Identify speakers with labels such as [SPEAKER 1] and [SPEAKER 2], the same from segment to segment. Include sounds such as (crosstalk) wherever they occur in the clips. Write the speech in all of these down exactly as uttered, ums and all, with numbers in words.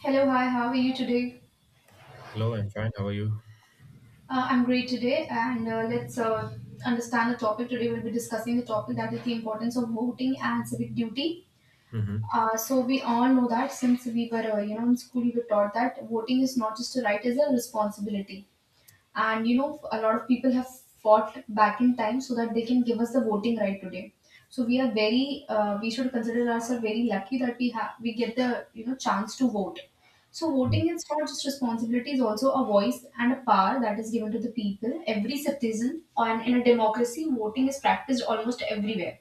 [SPEAKER 1] Hello, hi, how are you today?
[SPEAKER 2] Hello, I'm fine. How are you?
[SPEAKER 1] Uh, I'm great today, and uh, let's uh, understand the topic. Today, we'll be discussing the topic that is the importance of voting and civic duty.
[SPEAKER 2] Mm-hmm.
[SPEAKER 1] Uh, so, we all know that since we were, uh, you know, in school, we were taught that voting is not just a right, it's a responsibility. And you know, a lot of people have fought back in time so that they can give us the voting right today. So we are very uh, we should consider ourselves very lucky that we have we get the, you know, chance to vote. So voting is not just responsibility, is also a voice and a power that is given to the people, every citizen, and in a democracy voting is practiced almost everywhere.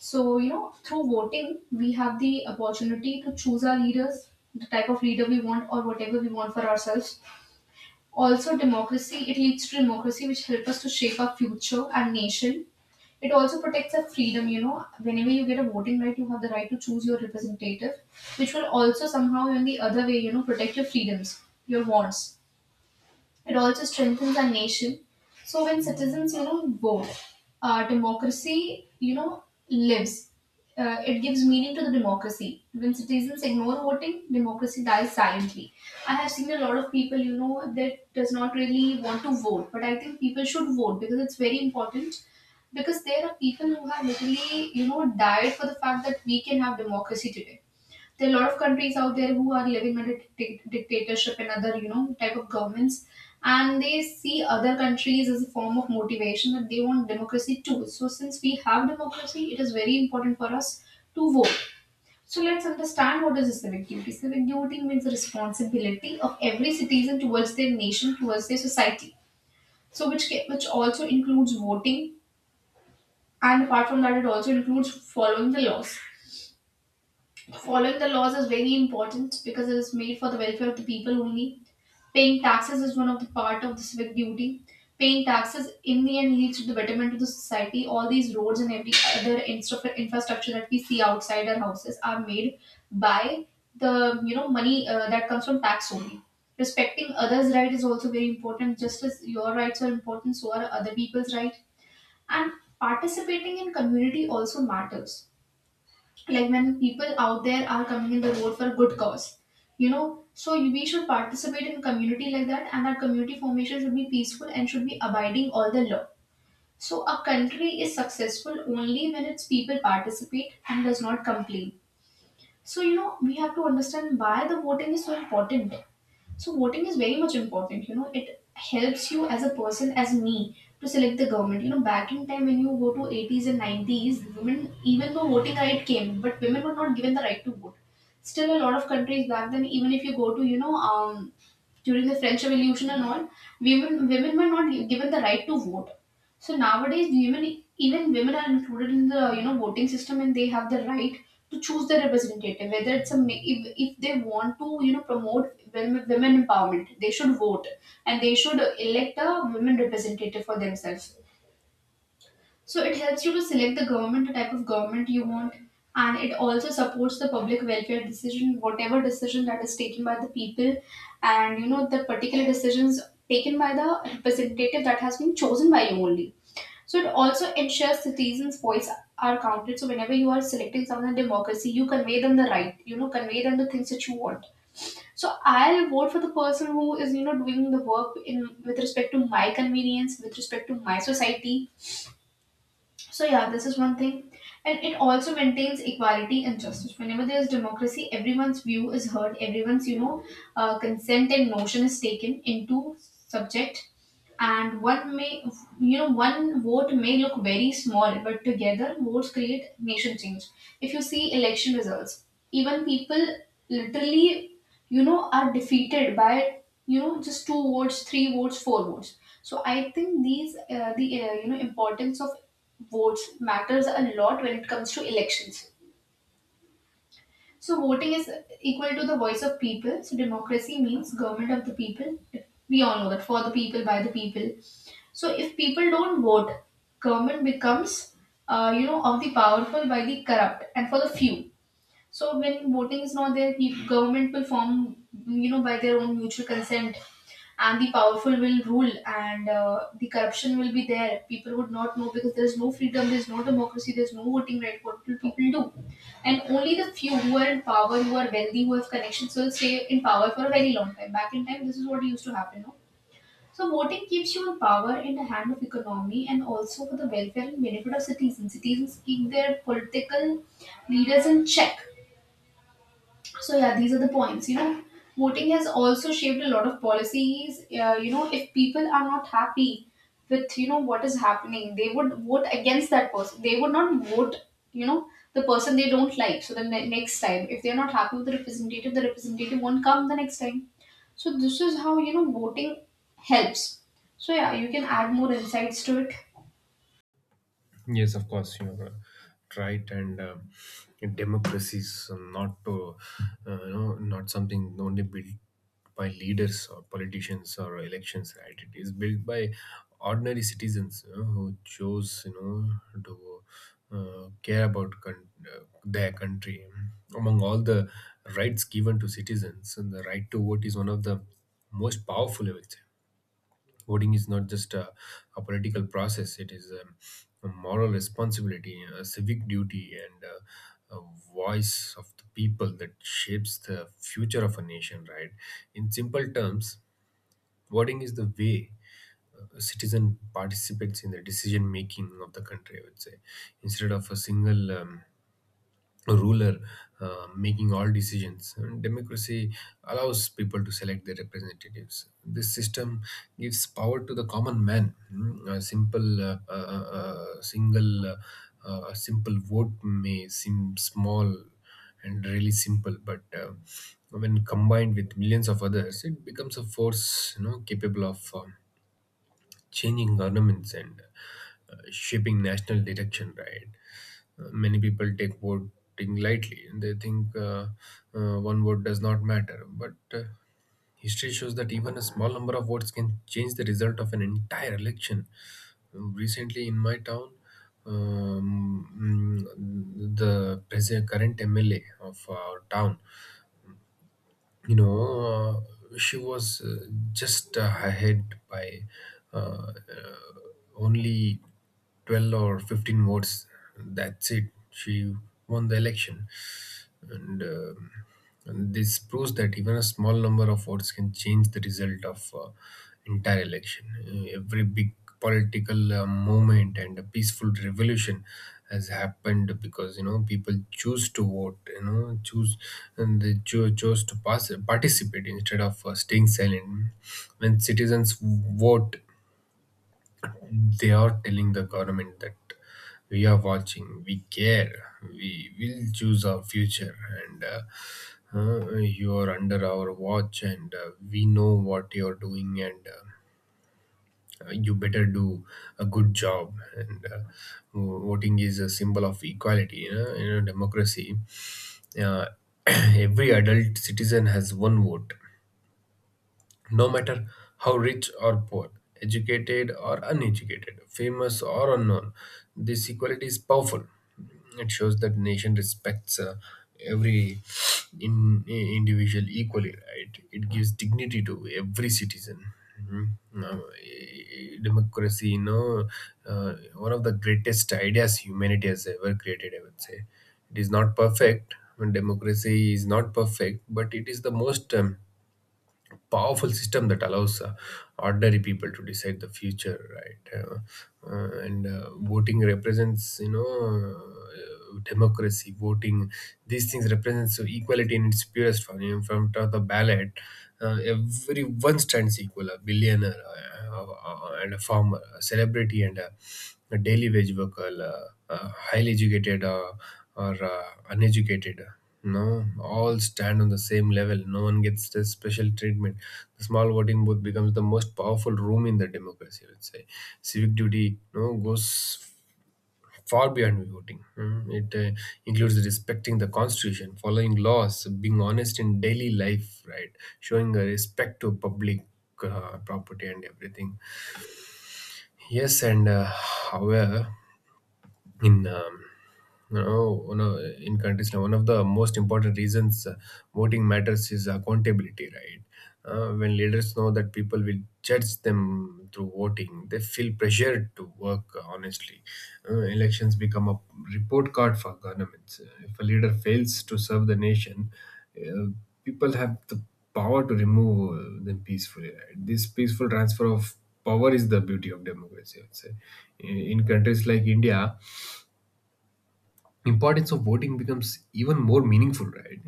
[SPEAKER 1] So, you know, through voting, we have the opportunity to choose our leaders, the type of leader we want, or whatever we want for ourselves. Also democracy, it leads to democracy, which help us to shape our future and nation. It also protects our freedom. You know, whenever you get a voting right, you have the right to choose your representative, which will also somehow in the other way, you know, protect your freedoms, your wants. It also strengthens our nation. So when citizens, you know, vote, uh, democracy, you know, lives. Uh, it gives meaning to the democracy. When citizens ignore voting, democracy dies silently. I have seen a lot of people, you know, that does not really want to vote, but I think people should vote because it's very important. Because there are people who have literally, you know, died for the fact that we can have democracy today. There are a lot of countries out there who are living under dicta- dictatorship and other, you know, type of governments, and they see other countries as a form of motivation that they want democracy too. So since we have democracy, it is very important for us to vote. So let's understand what is a civic duty. Civic duty means the responsibility of every citizen towards their nation, towards their society, so which ca- which also includes voting, and apart from that it also includes following the laws. Following the laws is very important because it is made for the welfare of the people only. Paying taxes is one of the part of the civic duty. Paying taxes in the end leads to the betterment of the society. All these roads and every other instra- infrastructure that we see outside our houses are made by the, you know, money uh, that comes from tax only. Respecting others' right is also very important. Just as your rights are important, so are other people's right. And participating in community also matters, like when people out there are coming in the road for good cause, you know. So you- we should participate in community like that, and our community formation should be peaceful and should be abiding all the law. So a country is successful only when its people participate and does not complain. So you know, we have to understand why the voting is so important. So voting is very much important. You know, it helps you as a person, as me, to select the government. You know, back in time when you go to eighties and nineties, women, even though voting right came, but women were not given the right to vote. Still, a lot of countries back then, even if you go to, you know, um, during the French Revolution and all, women women were not given the right to vote. So nowadays, women, even women are included in the, you know, voting system, and they have the right to choose their representative. Whether it's a ma- if, if they want to, you know, promote women, women empowerment, they should vote, and they should elect a women representative for themselves. So it helps you to select the government, the type of government you want, and it also supports the public welfare decision, whatever decision that is taken by the people, and you know, the particular decisions taken by the representative that has been chosen by you only. So it also ensures citizens' voice are counted. So whenever you are selecting someone in democracy, you convey them the right, you know, convey them the things that you want. So I'll vote for the person who is, you know, doing the work in with respect to my convenience, with respect to my society. So yeah, this is one thing. And it also maintains equality and justice. Whenever there is democracy, everyone's view is heard, everyone's, you know, uh, consent and notion is taken into subject. And one may, you know, one vote may look very small, but together votes create nation change. If you see election results, even people literally, you know, are defeated by, you know, just two votes, three votes, four votes. So I think these uh, the uh, you know, importance of votes matters a lot when it comes to elections. So voting is equal to the voice of people. So democracy means government of the people, we all know that, for the people, by the people. So if people don't vote, government becomes, uh, you know, of the powerful, by the corrupt, and for the few. So when voting is not there, pe- government will form, you know, by their own mutual consent, and the powerful will rule, and uh, the corruption will be there. People would not know because there is no freedom, there is no democracy, there is no voting right. What will people do? And only the few who are in power, who are wealthy, who have connections, will stay in power for a very long time. Back in time, this is what used to happen. No? So voting keeps you in power in the hand of economy, and also for the welfare and benefit of citizens. Citizens keep their political leaders in check. So yeah, these are the points. You know, voting has also shaped a lot of policies. Uh, you know, if people are not happy with, you know, what is happening, they would vote against that person. They would not vote, you know, the person they don't like. So the ne- next time, if they're not happy with the representative, the representative won't come the next time. So this is how, you know, voting helps. So yeah, you can add more insights to it.
[SPEAKER 2] Yes, of course. You know, right. And um democracy is not, uh, uh, you know, not something only built by leaders or politicians or elections. Right, it is built by ordinary citizens, you know, who chose, you know, to uh, care about con- uh, their country. Among all the rights given to citizens, and the right to vote is one of the most powerful, I would say. Voting is not just a, a political process, it is um, a moral responsibility, a civic duty, and uh, a voice of the people that shapes the future of a nation, right? In simple terms, voting is the way a citizen participates in the decision making of the country, I would say, instead of a single um, ruler uh, making all decisions. Democracy allows people to select their representatives. This system gives power to the common man. Mm, A simple, uh, uh, uh, uh, single, uh, uh, a simple vote may seem small and really simple, but uh, when combined with millions of others, it becomes a force, you know, capable of. um changing governments and uh, shaping national direction, right? Uh, many people take voting lightly and they think uh, uh, one vote does not matter, but uh, history shows that even a small number of votes can change the result of an entire election. Um, Recently, in my town, um, mm, the present current M L A of our town, you know, uh, she was uh, just uh, ahead by uh, uh, only twelve or fifteen votes. That's it. She won the election. And, um and this proves that even a small number of votes can change the result of uh, entire election. Uh, every big political uh, movement and a peaceful revolution has happened because, you know, people choose to vote, you know, choose and they cho- chose to pass, participate instead of uh, staying silent. When citizens vote, they are telling the government that we are watching, we care, we will choose our future, and uh, uh, you are under our watch, and uh, we know what you are doing, and uh, uh, you better do a good job. And uh, vo- voting is a symbol of equality, you know, you know democracy. uh, (clears throat) every adult citizen has one vote, no matter how rich or poor, educated or uneducated, famous or unknown. This equality is powerful. It shows that nation respects uh, every in, individual equally, right? It gives dignity to every citizen. Mhm. Now, eh, democracy, you know, uh, one of the greatest ideas humanity has ever created, I would say. It is not perfect. I mean, democracy is not perfect, but it is the most um, powerful system that allows uh, ordinary people to decide the future, right? Uh, uh, and uh, voting represents, you know, uh, democracy, voting, these things represents equality in its purest form. In front of the ballot, uh, everyone stands equal: a billionaire uh, uh, uh, and a farmer, a celebrity and a, a daily wage worker, uh, uh, highly educated uh, or uh, uneducated, uh, no, all stand on the same level. No one gets the special treatment. The small voting booth becomes the most powerful room in the democracy, I would say. Civic duty, no, goes far beyond voting. Mm, It uh, includes respecting the constitution, following laws, being honest in daily life, right? Showing a respect to public uh, property and everything. Yes, and uh, however in um, no, oh, no, in countries now, one of the most important reasons uh, voting matters is accountability, right? Uh, when leaders know that people will judge them through voting, they feel pressured to work uh, honestly. Uh, elections become a report card for governments. Uh, if a leader fails to serve the nation, uh, people have the power to remove uh, them peacefully, right? This peaceful transfer of power is the beauty of democracy, I would say. In in countries like India, importance of voting becomes even more meaningful, right?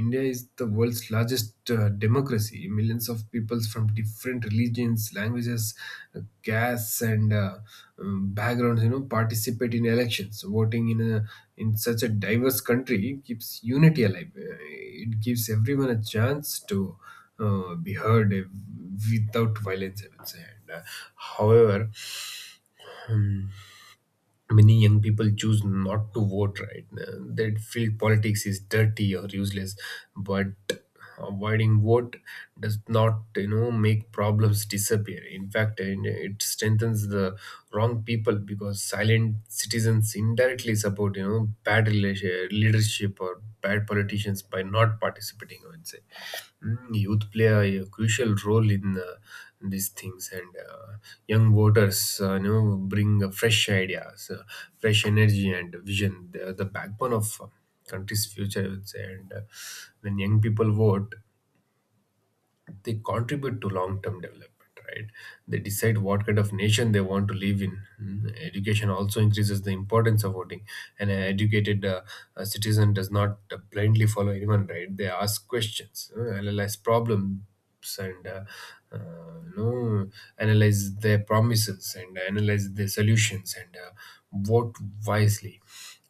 [SPEAKER 2] India is the world's largest uh, democracy. Millions of peoples from different religions, languages, uh, castes, and uh, um, backgrounds, you know, participate in elections. So voting in a in such a diverse country keeps unity alive. Uh, it gives everyone a chance to uh, be heard uh, without violence, I would say. And, uh, however, many young people choose not to vote, right? Uh, they feel politics is dirty or useless, but avoiding vote does not, you know, make problems disappear. In fact, and it strengthens the wrong people, because silent citizens indirectly support, you know, bad relation, leadership or bad politicians by not participating, I would say. Mm, youth play a crucial role in uh, these things. And uh, young voters, uh, you know, bring uh, fresh ideas, uh, fresh energy and vision. They are the backbone of uh, country's future, I would say. And uh, when young people vote, they contribute to long-term development, right? They decide what kind of nation they want to live in. Mm, education also increases the importance of voting. An educated uh, uh, citizen does not uh, blindly follow anyone, right? They ask questions, uh, analyze problems, and uh, uh, you know, analyze their promises and analyze their solutions, and uh, vote wisely.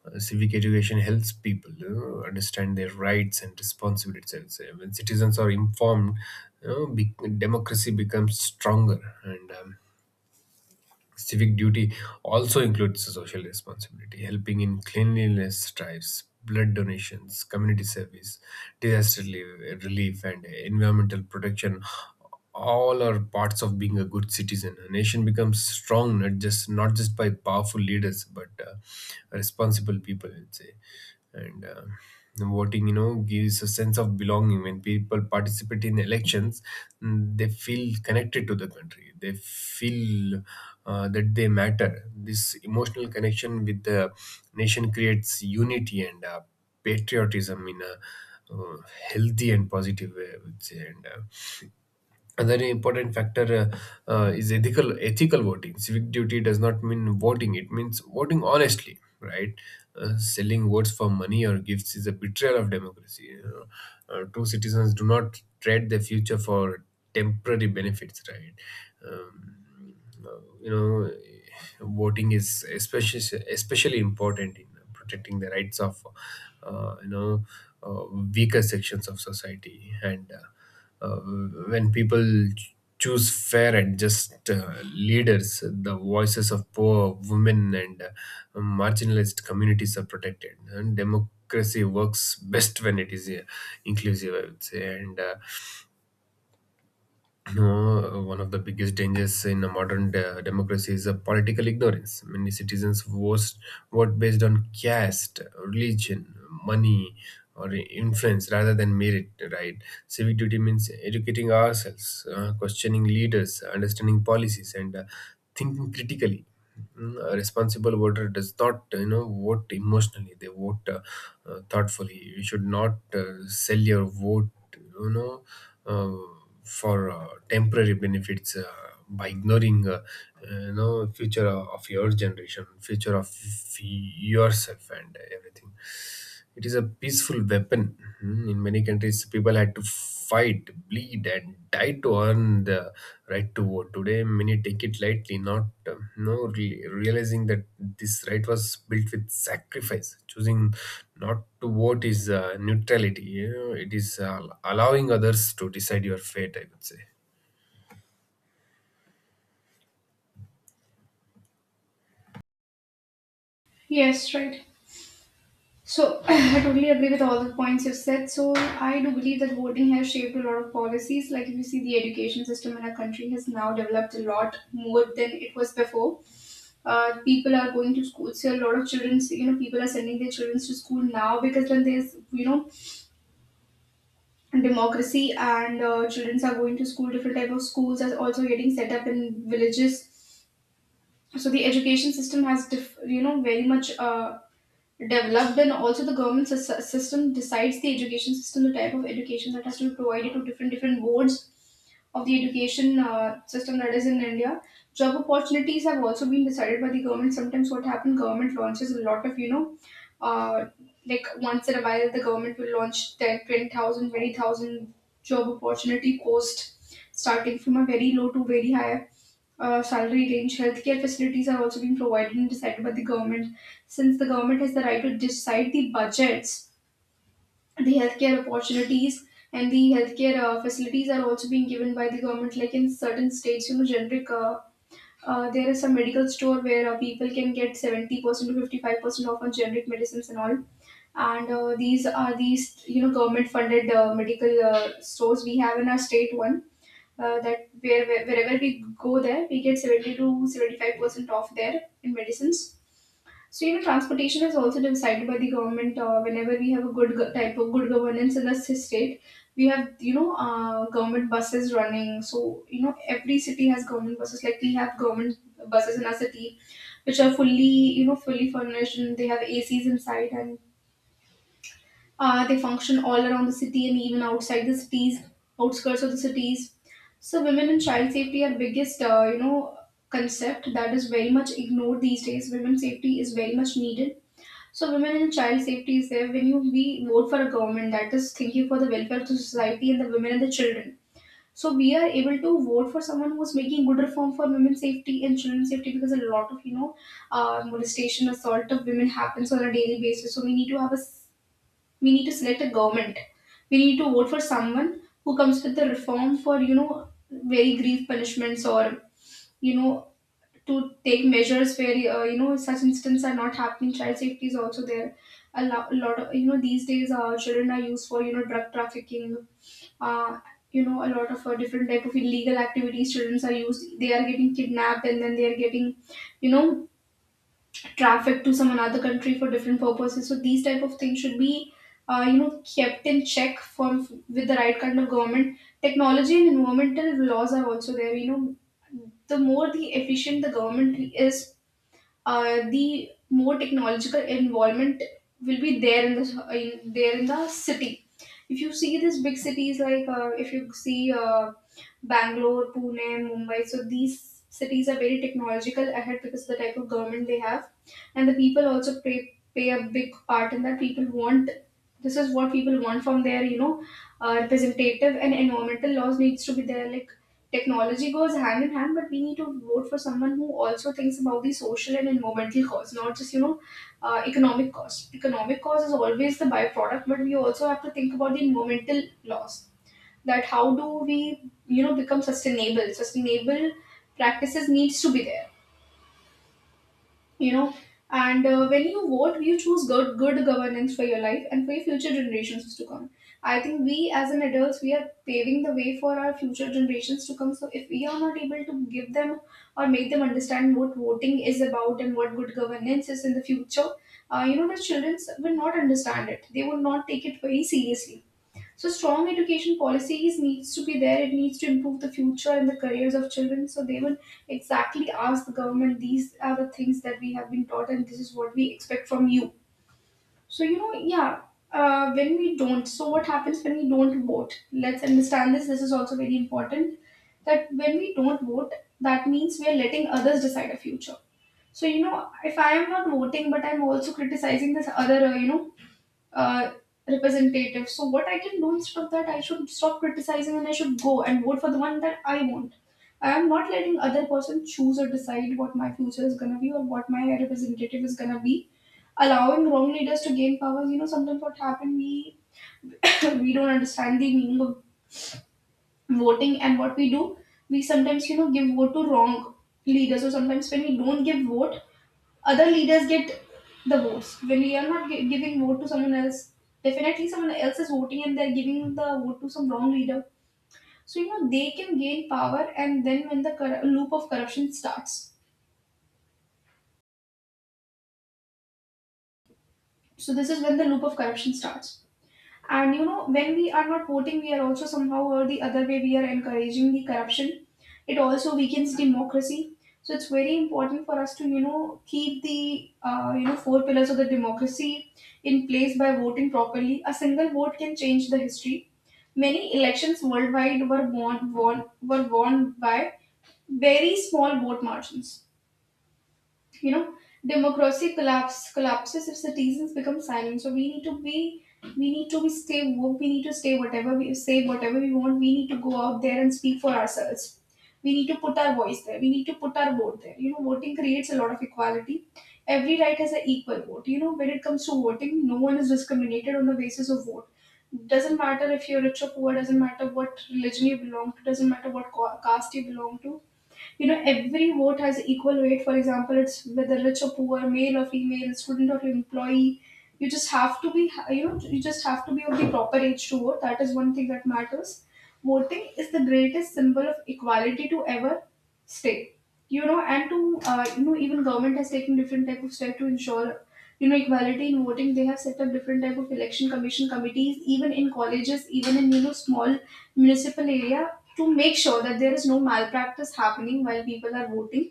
[SPEAKER 2] uh, Civic education helps people, you know, understand their rights and responsibilities, I would say. When citizens are informed, you know, be- democracy becomes stronger and. Um, Civic duty also includes social responsibility: helping in cleanliness drives, blood donations, community service, disaster relief, relief, and environmental protection. All are parts of being a good citizen. A nation becomes strong not just not just by powerful leaders, but uh, responsible people, I'd say. And uh, voting, you know, gives a sense of belonging. When people participate in elections, mm, they feel connected to the country, they feel uh, that they matter. This emotional connection with the nation creates unity and uh, patriotism in a uh, healthy and positive way, I would say. And uh, another important factor uh, uh, is ethical ethical voting. Civic duty does not mean voting; it means voting honestly, right? Uh, selling votes for money or gifts is a betrayal of democracy, you know. Uh, true citizens do not trade their future for temporary benefits, right? Um, uh, you know, voting is especially especially important in protecting the rights of, uh, you know, uh, weaker sections of society. And uh, uh, when people ch- choose fair and just uh, leaders, the voices of poor, women, and uh, marginalized communities are protected. And democracy works best when it is uh, inclusive, I would say. And uh, (clears throat) no, one of the biggest dangers in a modern de- democracy is a political ignorance. Many citizens vote, vote based on caste, religion, money, or influence rather than merit, right? Civic duty means educating ourselves, uh, questioning leaders, understanding policies, and uh, thinking critically. Mm, A responsible voter does not, uh, you know, vote emotionally. They vote uh, uh, thoughtfully. You should not uh, sell your vote, you know, uh, for uh, temporary benefits, uh, by ignoring uh, you know, future of your generation, future of yourself and everything. It is a peaceful weapon. Mm, in many countries, people had to fight, bleed, and die to earn the right to vote. Today, many take it lightly, not um, no re- realizing that this right was built with sacrifice. Choosing not to vote is uh, neutrality. You know, it is uh, allowing others to decide your fate, I would say.
[SPEAKER 1] Yes, right. So (laughs) (clears throat) I totally agree with all the points you've said. So I do believe that voting has shaped a lot of policies. Like if you see, the education system in our country has now developed a lot more than it was before. Uh, people are going to school. So a lot of children, you know, people are sending their children to school now, because then there's, you know, democracy and uh, children are going to school. Different type of schools are also getting set up in villages. So the education system has, diff- you know, very much Uh, developed, and also the government sys- system decides the education system, the type of education that has to be provided to different different boards of the education uh, system that is in India. Job opportunities have also been decided by the government. Sometimes what happens, government launches a lot of, you know, uh, like once in a while the government will launch ten twenty thousand twenty thousand job opportunity post, start from a very low to very high uh, range. Healthcare facilities are also being provided and decided by the government. Since the government has the right to decide the budgets, the healthcare opportunities and the healthcare uh, facilities are also being given by the government. Like in certain states, you know, generic, Uh, uh, there is some medical store where uh, people can get seventy percent to fifty-five percent off on generic medicines and all, and uh, these are these, you know, government funded uh, medical uh, stores we have in our state. One uh, that, where, where, wherever we go there, we get seventy to seventy-five percent off there in medicines. So, you know, transportation is also decided by the government. Uh, whenever we have a good go- type of good governance in the s- state, we have, you know, uh, government buses running. So, you know, every city has government buses. Like we have government buses in our city, which are fully, you know, fully furnished, and they have A Cs inside, and uh, they function all around the city and even outside the cities, outskirts of the cities. So women and child safety are biggest, uh, you know, concept that is very much ignored these days. Women safety is very much needed. So women and child safety is there when you we vote for a government that is thinking for the welfare of the society and the women and the children. So we are able to vote for someone who's making good reform for women's safety and children's safety because a lot of you know uh, molestation, assault of women happens on a daily basis. So we need to have a we need to select a government. We need to vote for someone who comes with the reform for you know very grief punishments or you know to take measures where uh, you know such incidents are not happening. Child safety is also there. A lo- a lot of you know these days uh, children are used for you know drug trafficking. Uh, you know a lot of uh, different type of illegal activities, children are used, they are getting kidnapped, and then they are getting you know traffic to some another country for different purposes. So these type of things should be uh, you know, kept in check from with the right kind of government. Technology and environmental laws are also there. You know, the more the efficient the government is, uh, the more technological involvement will be there in the in, there in the city. If you see these big cities, like uh, if you see uh, Bangalore, Pune, Mumbai, so these cities are very technological ahead because of the type of government they have, and the people also play play a big part in that. People want This is what people want from their you know uh, representative, and environmental laws needs to be there. Like technology goes hand in hand, but we need to vote for someone who also thinks about the social and environmental cause, not just you know uh, economic cost. Economic cause is always the byproduct, but we also have to think about the environmental loss. That how do we you know become sustainable? Sustainable practices needs to be there, you know and uh, when you vote you choose good good governance for your life and for your future generations to come. I think we as an adults we are paving the way for our future generations to come, so if we are not able to give them or make them understand what voting is about and what good governance is in the future, uh, you know the children will not understand it, they will not take it very seriously. So strong education policies needs to be there. It needs to improve the future and the careers of children. So they will exactly ask the government, these are the things that we have been taught and this is what we expect from you. So you know, yeah. Uh, when we don't, so what happens when we don't vote? Let's understand this. This is also very important, that when we don't vote, that means we are letting others decide our future. So you know, if I am not voting, but I'm also criticizing this other, uh, you know, uh, representative. So what I can do instead of that, I should stop criticizing and I should go and vote for the one that I want. I am not letting other person choose or decide what my future is gonna be or what my representative is gonna be. Allowing wrong leaders to gain powers, you know, sometimes what happened, we (coughs) we don't understand the meaning of voting and what we do. We sometimes, you know, give vote to wrong leaders, or sometimes when we don't give vote, other leaders get the votes. When we are not gi- giving vote to someone else, definitely someone else is voting and they're giving the vote to some wrong leader. So you know, they can gain power, and then when the corru- loop of corruption starts, so this is when the loop of corruption starts. And you know, when we are not voting, we are also somehow or the other way we are encouraging the corruption. It also weakens democracy. So it's very important for us to you know keep the uh, you know four pillars of the democracy in place by voting properly. A single vote can change the history. Many elections worldwide were won, won were won by very small vote margins, you know democracy collapse collapses if citizens become silent. So we need to be we need to be stay woke. We need to stay, whatever we say, whatever we want, we need to go out there and speak for ourselves. We need to put our voice there, we need to put our vote there. You know, voting creates a lot of equality. Every right has an equal vote. You know, when it comes to voting, no one is discriminated on the basis of vote. Doesn't matter if you're rich or poor, doesn't matter what religion you belong to, doesn't matter what co- caste you belong to. You know, every vote has equal weight. For example, it's whether rich or poor, male or female, student or employee. you just have to be you know you just have to be of the proper age to vote. That is one thing that matters. Voting is the greatest symbol of equality to ever stay, you know and to uh, you know even government has taken different type of step to ensure you know equality in voting. They have set up different type of election commission committees, even in colleges, even in you know small municipal areas, to make sure that there is no malpractice happening while people are voting.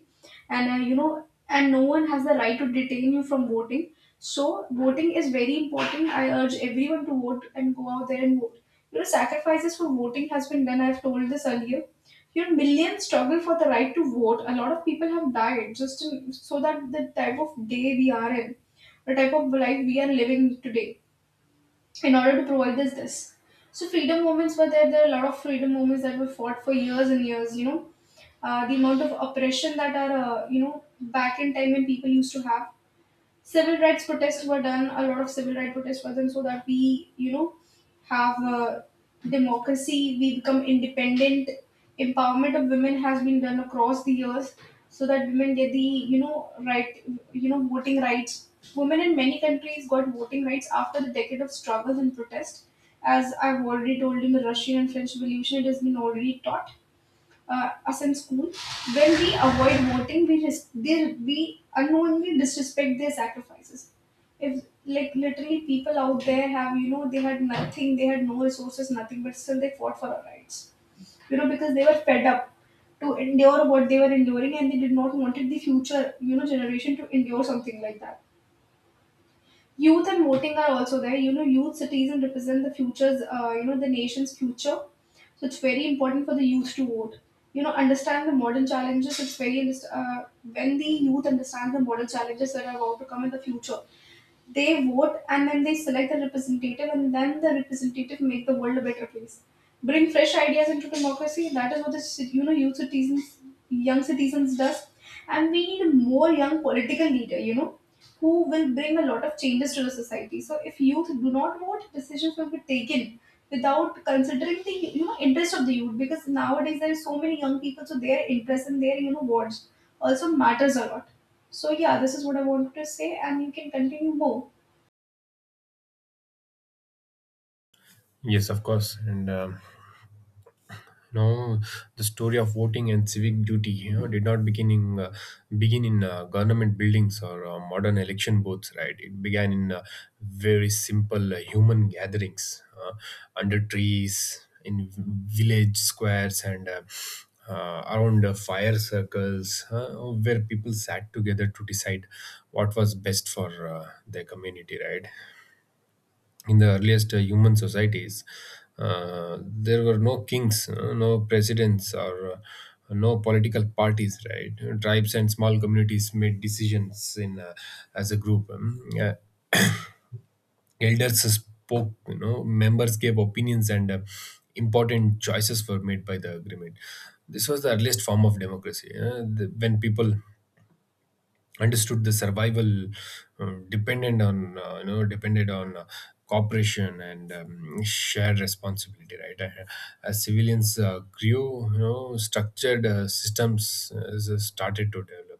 [SPEAKER 1] And uh, you know and no one has the right to detain you from voting. So voting is very important. I urge everyone to vote and go out there and vote. You know, sacrifices for voting has been done, I've told this earlier. You know, millions struggle for the right to vote. A lot of people have died just in, so that the type of day we are in, the type of life we are living today, in order to provide us this. So freedom movements were there. There are a lot of freedom movements that were fought for years and years. You know, uh, the amount of oppression that are uh, you know back in time when people used to have civil rights protests were done. A lot of civil rights protests were done so that we, you know, have a democracy. We become independent. Empowerment of women has been done across the years, so that women get the, you know, right, you know, voting rights. Women in many countries got voting rights after the decade of struggles and protest. As I've already told, in the Russian and French Revolution, it has been already taught uh, us in school, when we avoid voting, we res- they, we unknowingly disrespect their sacrifices. If like literally people out there have, you know, they had nothing, they had no resources, nothing, but still they fought for our rights. You know, because they were fed up to endure what they were enduring, and they did not wanted the future, you know, generation to endure something like that. Youth and voting are also there. You know, youth citizen represent the futures, uh, you know, the nation's future. So it's very important for the youth to vote. You know, understand the modern challenges. It's very, uh, when the youth understand the modern challenges that are about to come in the future, they vote and then they select the representative, and then the representative make the world a better place, bring fresh ideas into democracy. That is what the ci- you know youth citizens, young citizens does. And we need more young political leader, you know, who will bring a lot of changes to the society. So if youth do not vote, decisions will be taken without considering the, you know, interest of the youth, because nowadays there are so many young people, so their interest and their, you know, wants also matters a lot. So yeah, this is what I wanted to say, and you can continue more.
[SPEAKER 2] Yes, of course. And. Um, you know, the story of voting and civic duty, you know, did not begin in uh, begin in uh, government buildings or uh, modern election booths, right? It began in uh, very simple uh, human gatherings, uh, under trees, in village squares, and uh, uh, around uh, fire circles, uh, where people sat together to decide what was best for uh, their community, right? In the earliest uh, human societies, uh, there were no kings, uh, no presidents, or uh, no political parties, right? Tribes and small communities made decisions in uh, as a group. Um, uh, elders spoke, you know, members gave opinions, and uh, important choices were made by the agreement. This was the earliest form of democracy. Uh, the- when people understood the survival uh, dependent on uh, you know, depended on uh, cooperation and um, shared responsibility, right? Uh, as civilians uh, grew, you know, structured uh, systems uh, s- started to develop.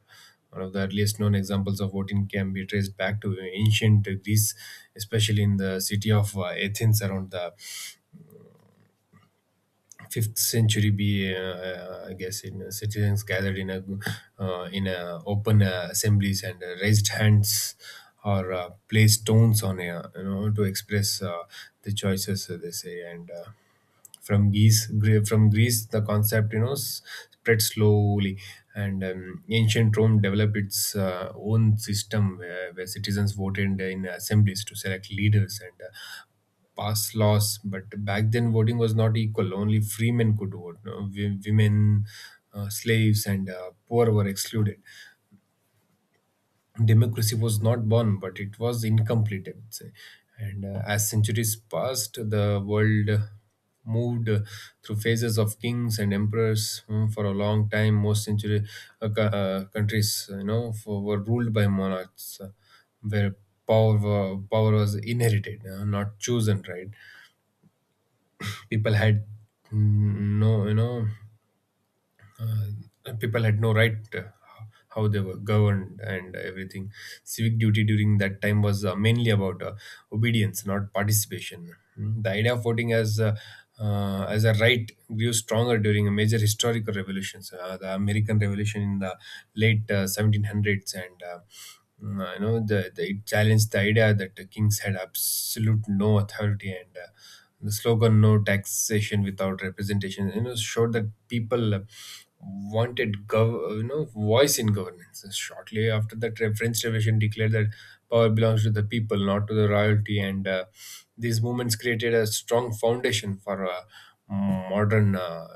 [SPEAKER 2] One of the earliest known examples of voting can be traced back to ancient Greece, especially in the city of uh, Athens, around the fifth century BE, uh, I guess. In uh, Citizens gathered in a uh, in a open uh, assemblies and uh, raised hands or uh, placed stones on a, you know, to express uh, the choices uh, they say and. Uh, from Greece, Gre- from Greece, the concept you know s- spread slowly, and um, ancient Rome developed its uh, own system where, where citizens voted in assemblies to select leaders and uh, pass laws. But back then, voting was not equal; only free men could vote. No? Wo- women, uh, slaves, and uh, poor were excluded. Democracy was not born, but it was incomplete, I would say. And uh, As centuries passed, the world uh, moved uh, through phases of kings and emperors. Mm, for a long time, most century uh, co- uh, countries, you know, for, were ruled by monarchs, uh, where power wa- power was inherited, uh, not chosen. Right? People had mm, no, you know uh, people had no right uh, how they were governed and everything. Civic duty during that time was uh, mainly about uh, obedience, not participation. Mm, the idea of voting as uh, uh, as a right grew stronger during major historical revolutions, uh, the American Revolution in the late uh, seventeen hundreds, and uh, mm, you know the, the it challenged the idea that the kings had absolute no authority and. Uh, the slogan "No taxation without representation" you know showed that people uh, wanted gov- uh, you know voice in governance. Shortly after that, Re- French Revolution declared that power belongs to the people, not to the royalty, and uh, these movements created a strong foundation for uh, modern uh,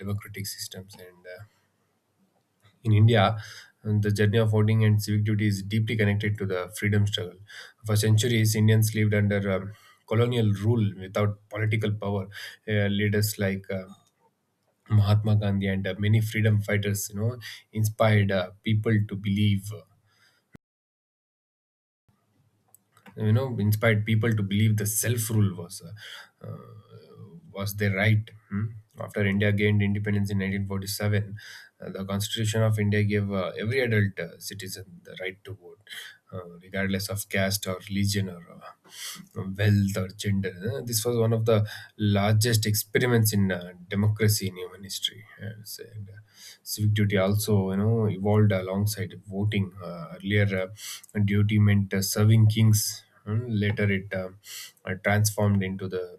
[SPEAKER 2] democratic systems and. Uh, in India, the journey of voting and civic duty is deeply connected to the freedom struggle. For centuries, Indians lived under um, colonial rule without political power. Uh, leaders like uh, Mahatma Gandhi and uh, many freedom fighters, you know, inspired uh, people to believe. uh, you know inspired people to believe the self rule was uh, uh, was their right. Hmm? After india gained independence in nineteen forty-seven, uh, the constitution of india gave uh, every adult uh, citizen the right to vote, uh, regardless of caste or religion or uh, wealth or gender. Uh, This was one of the largest experiments in uh, democracy in human history, I would say. And, uh, civic duty also, you know, evolved alongside voting. Uh, earlier, uh, duty meant uh, serving kings. Hmm, later, it uh, uh, transformed into the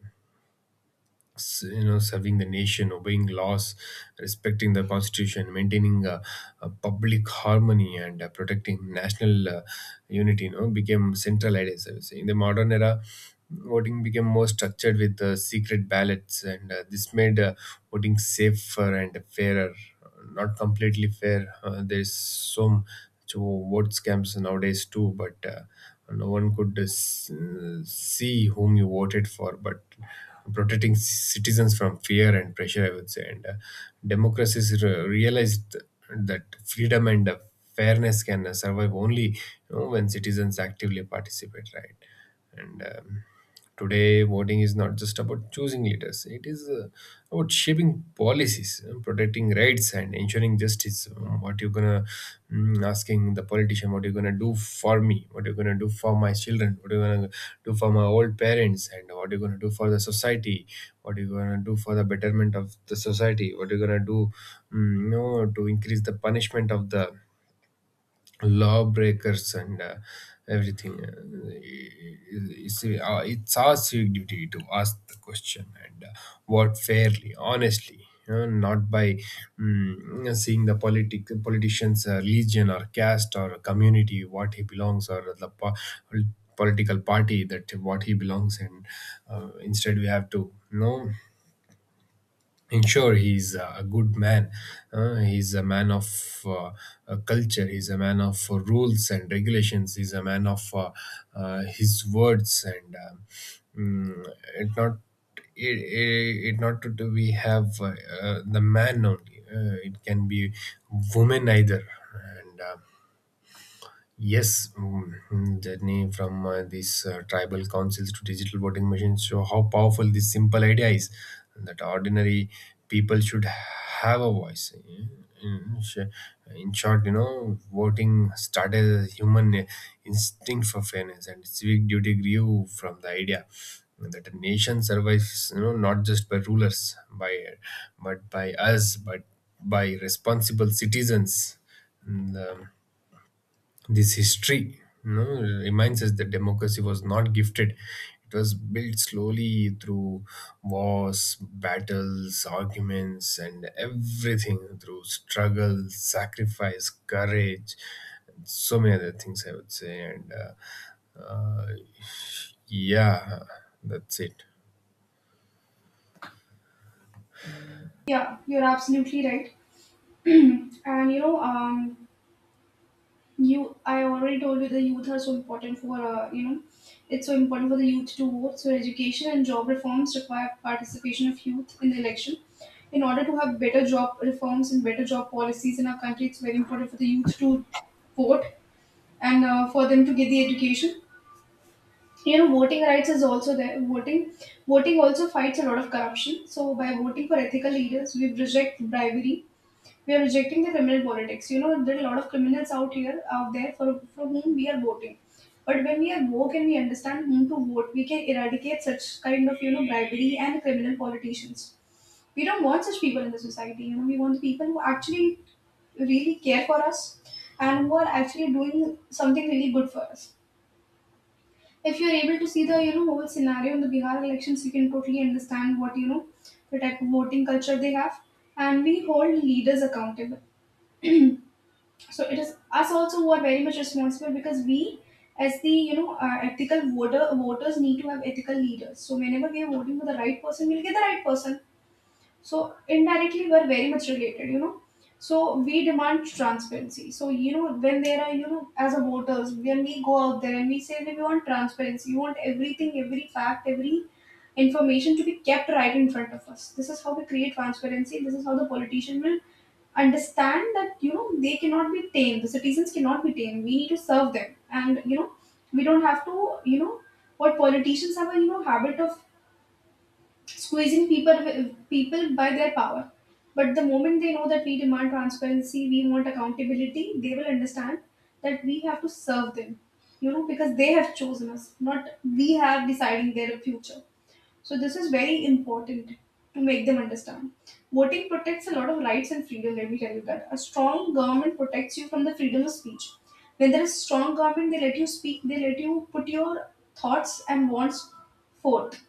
[SPEAKER 2] s- you know serving the nation, obeying laws, respecting the constitution, maintaining uh, uh, public harmony, and uh, protecting national uh, unity, you know, became central ideas, I would say. In the modern era, voting became more structured with uh, secret ballots, and uh, this made uh, voting safer and fairer. Not completely fair. Uh, there's some to word scams nowadays too, but uh, no one could uh, s- uh, see whom you voted for. But protecting citizens from fear and pressure, I would say. And uh, Democracies re- realized that freedom and uh, fairness can uh, survive only, you know, when citizens actively participate, right? And um, Today, voting is not just about choosing leaders, it is uh, about shaping policies, uh, protecting rights, and ensuring justice. Um, What you're gonna, mm, asking the politician, what you're gonna do for me, what you're gonna do for my children, what you're gonna do for my old parents, and what you're gonna do for the society, what you're gonna do for the betterment of the society, what you're gonna do, mm, you know, to increase the punishment of the lawbreakers and uh, everything. Uh, it's, uh, uh, it's our civic duty to ask the question and uh, work fairly, honestly, you know, not by, mm, seeing the politic politician's uh, religion or caste or community what he belongs or the po- political party that what he belongs in. Uh, instead, we have to know and sure he's uh, a good man. Uh, he's a man of uh, a culture, he's a man of uh, rules and regulations, he's a man of uh, uh, his words. and um, mm, it not, it, it, it not to, to we have uh, uh, the man only, uh, it can be woman either. And um, Yes, mm, mm, journey from uh, these uh, tribal councils to digital voting machines show how powerful this simple idea is, that ordinary people should have a voice. In, sh- in short, you know, voting started as a human instinct for fairness, and civic duty grew from the idea that a nation survives, you know, not just by rulers, by but by us, but by responsible citizens. And, um, this history, you know, reminds us that democracy was not gifted. It was built slowly through wars, battles, arguments, and everything, through struggle, sacrifice, courage, so many other things, I would say. And uh, Yeah, that's it.
[SPEAKER 1] Yeah, you're absolutely right. (clears throat) And you know, um, you I already told you the youth are so important for uh, you know, it's so important for the youth to vote. So education and job reforms require participation of youth in the election. In order to have better job reforms and better job policies in our country, it's very important for the youth to vote and uh, for them to get the education. You know, voting rights is also there. Voting voting also fights a lot of corruption. So by voting for ethical leaders, we reject bribery, we are rejecting the criminal politics. You know, there are a lot of criminals out here out there for, for whom we are voting. But when we are woke and we understand whom to vote, we can eradicate such kind of, you know, bribery and criminal politicians. We don't want such people in the society. You know, we want the people who actually really care for us and who are actually doing something really good for us. If you're able to see the, you know, whole scenario in the Bihar elections, you can totally understand what, you know, the type of voting culture they have, and we hold leaders accountable. So it is us also who are very much responsible, because we, as the, you know, uh, ethical voter voters, need to have ethical leaders. So whenever we are voting for the right person, we'll get the right person. So indirectly, we're very much related, you know. So we demand transparency. So you know, when there are, you know, as a voters, when we go out there and we say that we want transparency, we want everything, every fact, every information to be kept right in front of us. This is how we create transparency. This is how the politician will understand that, you know, they cannot be tamed, the citizens cannot be tamed, we need to serve them. And you know we don't have to you know what politicians have a, you know, habit of squeezing people people by their power. But the moment they know that we demand transparency, we want accountability, they will understand that we have to serve them, you know, because they have chosen us, not we have deciding their future. So this is very important to make them understand. Voting protects a lot of rights and freedom, let me tell you that. A strong government protects you from the freedom of speech. When there is strong government, they let you speak, they let you put your thoughts and wants forth.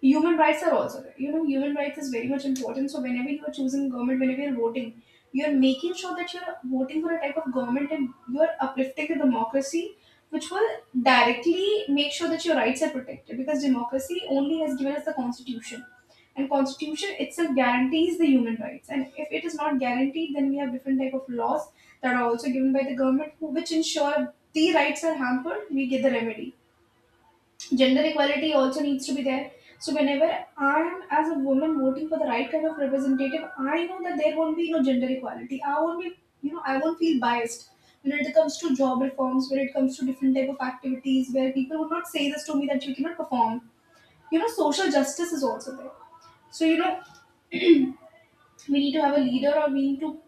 [SPEAKER 1] Human rights are also there. You know, human rights is very much important. So whenever you are choosing government, whenever you're voting, you're making sure that you're voting for a type of government and you're uplifting the democracy, which will directly make sure that your rights are protected. Because democracy only has given us the constitution. And constitution itself guarantees the human rights. And if it is not guaranteed, then we have different type of laws that are also given by the government who- which ensure the rights are hampered, we get the remedy. Gender equality also needs to be there. So whenever I am as a woman voting for the right kind of representative, I know that there won't be no gender equality. I won't be, you know, I won't feel biased when it comes to job reforms, when it comes to different type of activities where people would not say this to me that you cannot perform. You know, social justice is also there. So you know, we need to have a leader, or we need to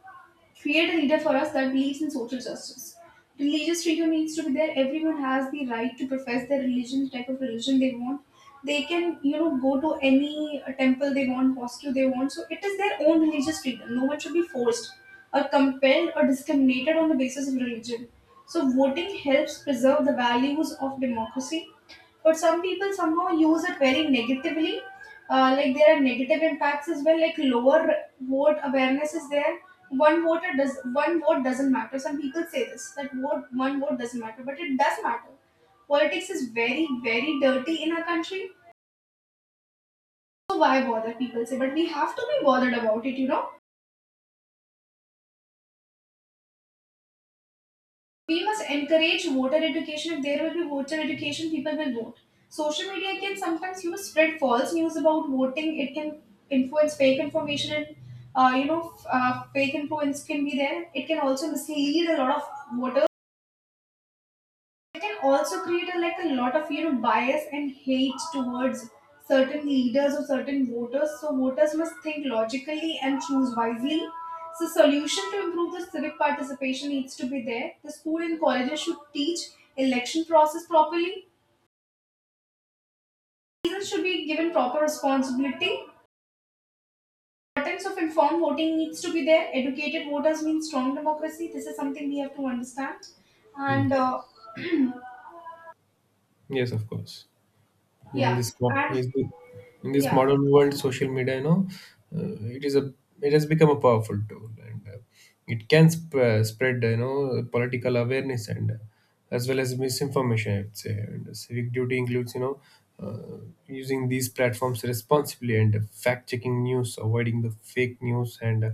[SPEAKER 1] create a leader for us that believes in social justice. Religious freedom needs to be there. Everyone has the right to profess their religion, the type of religion they want. They can, you know, go to any uh, temple they want, mosque they want. So it is their own religious freedom. No one should be forced or compelled or discriminated on the basis of religion. So voting helps preserve the values of democracy. But some people somehow use it very negatively. Uh, like there are negative impacts as well, like lower vote awareness is there. One vote, it does one vote doesn't matter, some people say this, that vote one vote doesn't matter, but it does matter. Politics is very, very dirty in our country, so why bother, people say, but we have to be bothered about it, you know. We must encourage voter education. If there will be voter education, people will vote. Social media can sometimes, you know, spread false news about voting. It can influence fake information, and uh, you know f- uh, fake influence can be there. It can also mislead a lot of voters. It can also create a, like, a lot of, you know, bias and hate towards certain leaders or certain voters. So voters must think logically and choose wisely. So solution to improve the civic participation needs to be there. The school and colleges should teach election process properly. Citizens should be given proper responsibility. Importance of informed voting needs to be there. Educated voters mean strong democracy, this is something we have to understand.
[SPEAKER 2] Mm.
[SPEAKER 1] And uh, (clears throat)
[SPEAKER 2] Yes, of course. In
[SPEAKER 1] Yeah.
[SPEAKER 2] this mo-
[SPEAKER 1] And
[SPEAKER 2] in this
[SPEAKER 1] yeah.
[SPEAKER 2] modern world, social media, you know, uh, it is a it has become a powerful tool, and uh, it can sp- uh, spread, you know, political awareness and uh, as well as misinformation, I would say. And civic duty includes, you know, uh, using these platforms responsibly, and fact checking news, avoiding the fake news, and uh,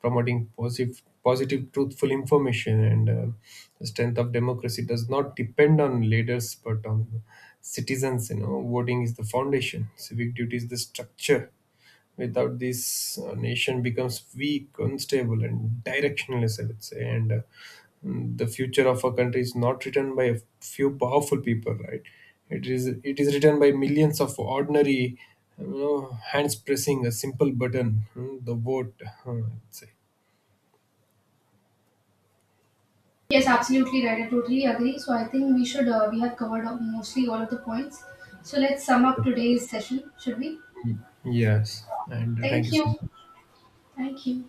[SPEAKER 2] promoting positive positive truthful information. And uh, The strength of democracy does not depend on leaders but on citizens. You know, voting is the foundation, civic duty is the structure. Without this, uh, nation becomes weak, unstable, and directionless, I would say. And uh, mm, the future of a country is not written by a few powerful people, right? It is it is written by millions of ordinary, you know, hands pressing a simple button, mm, the vote, uh, I'd say.
[SPEAKER 1] Yes, absolutely right. I totally agree. So I think we should uh, we have covered up mostly all of the points. So let's sum up today's session, should we?
[SPEAKER 2] Yes, and uh, thank you
[SPEAKER 1] Thank
[SPEAKER 2] so
[SPEAKER 1] you.
[SPEAKER 2] much.
[SPEAKER 1] Thank you.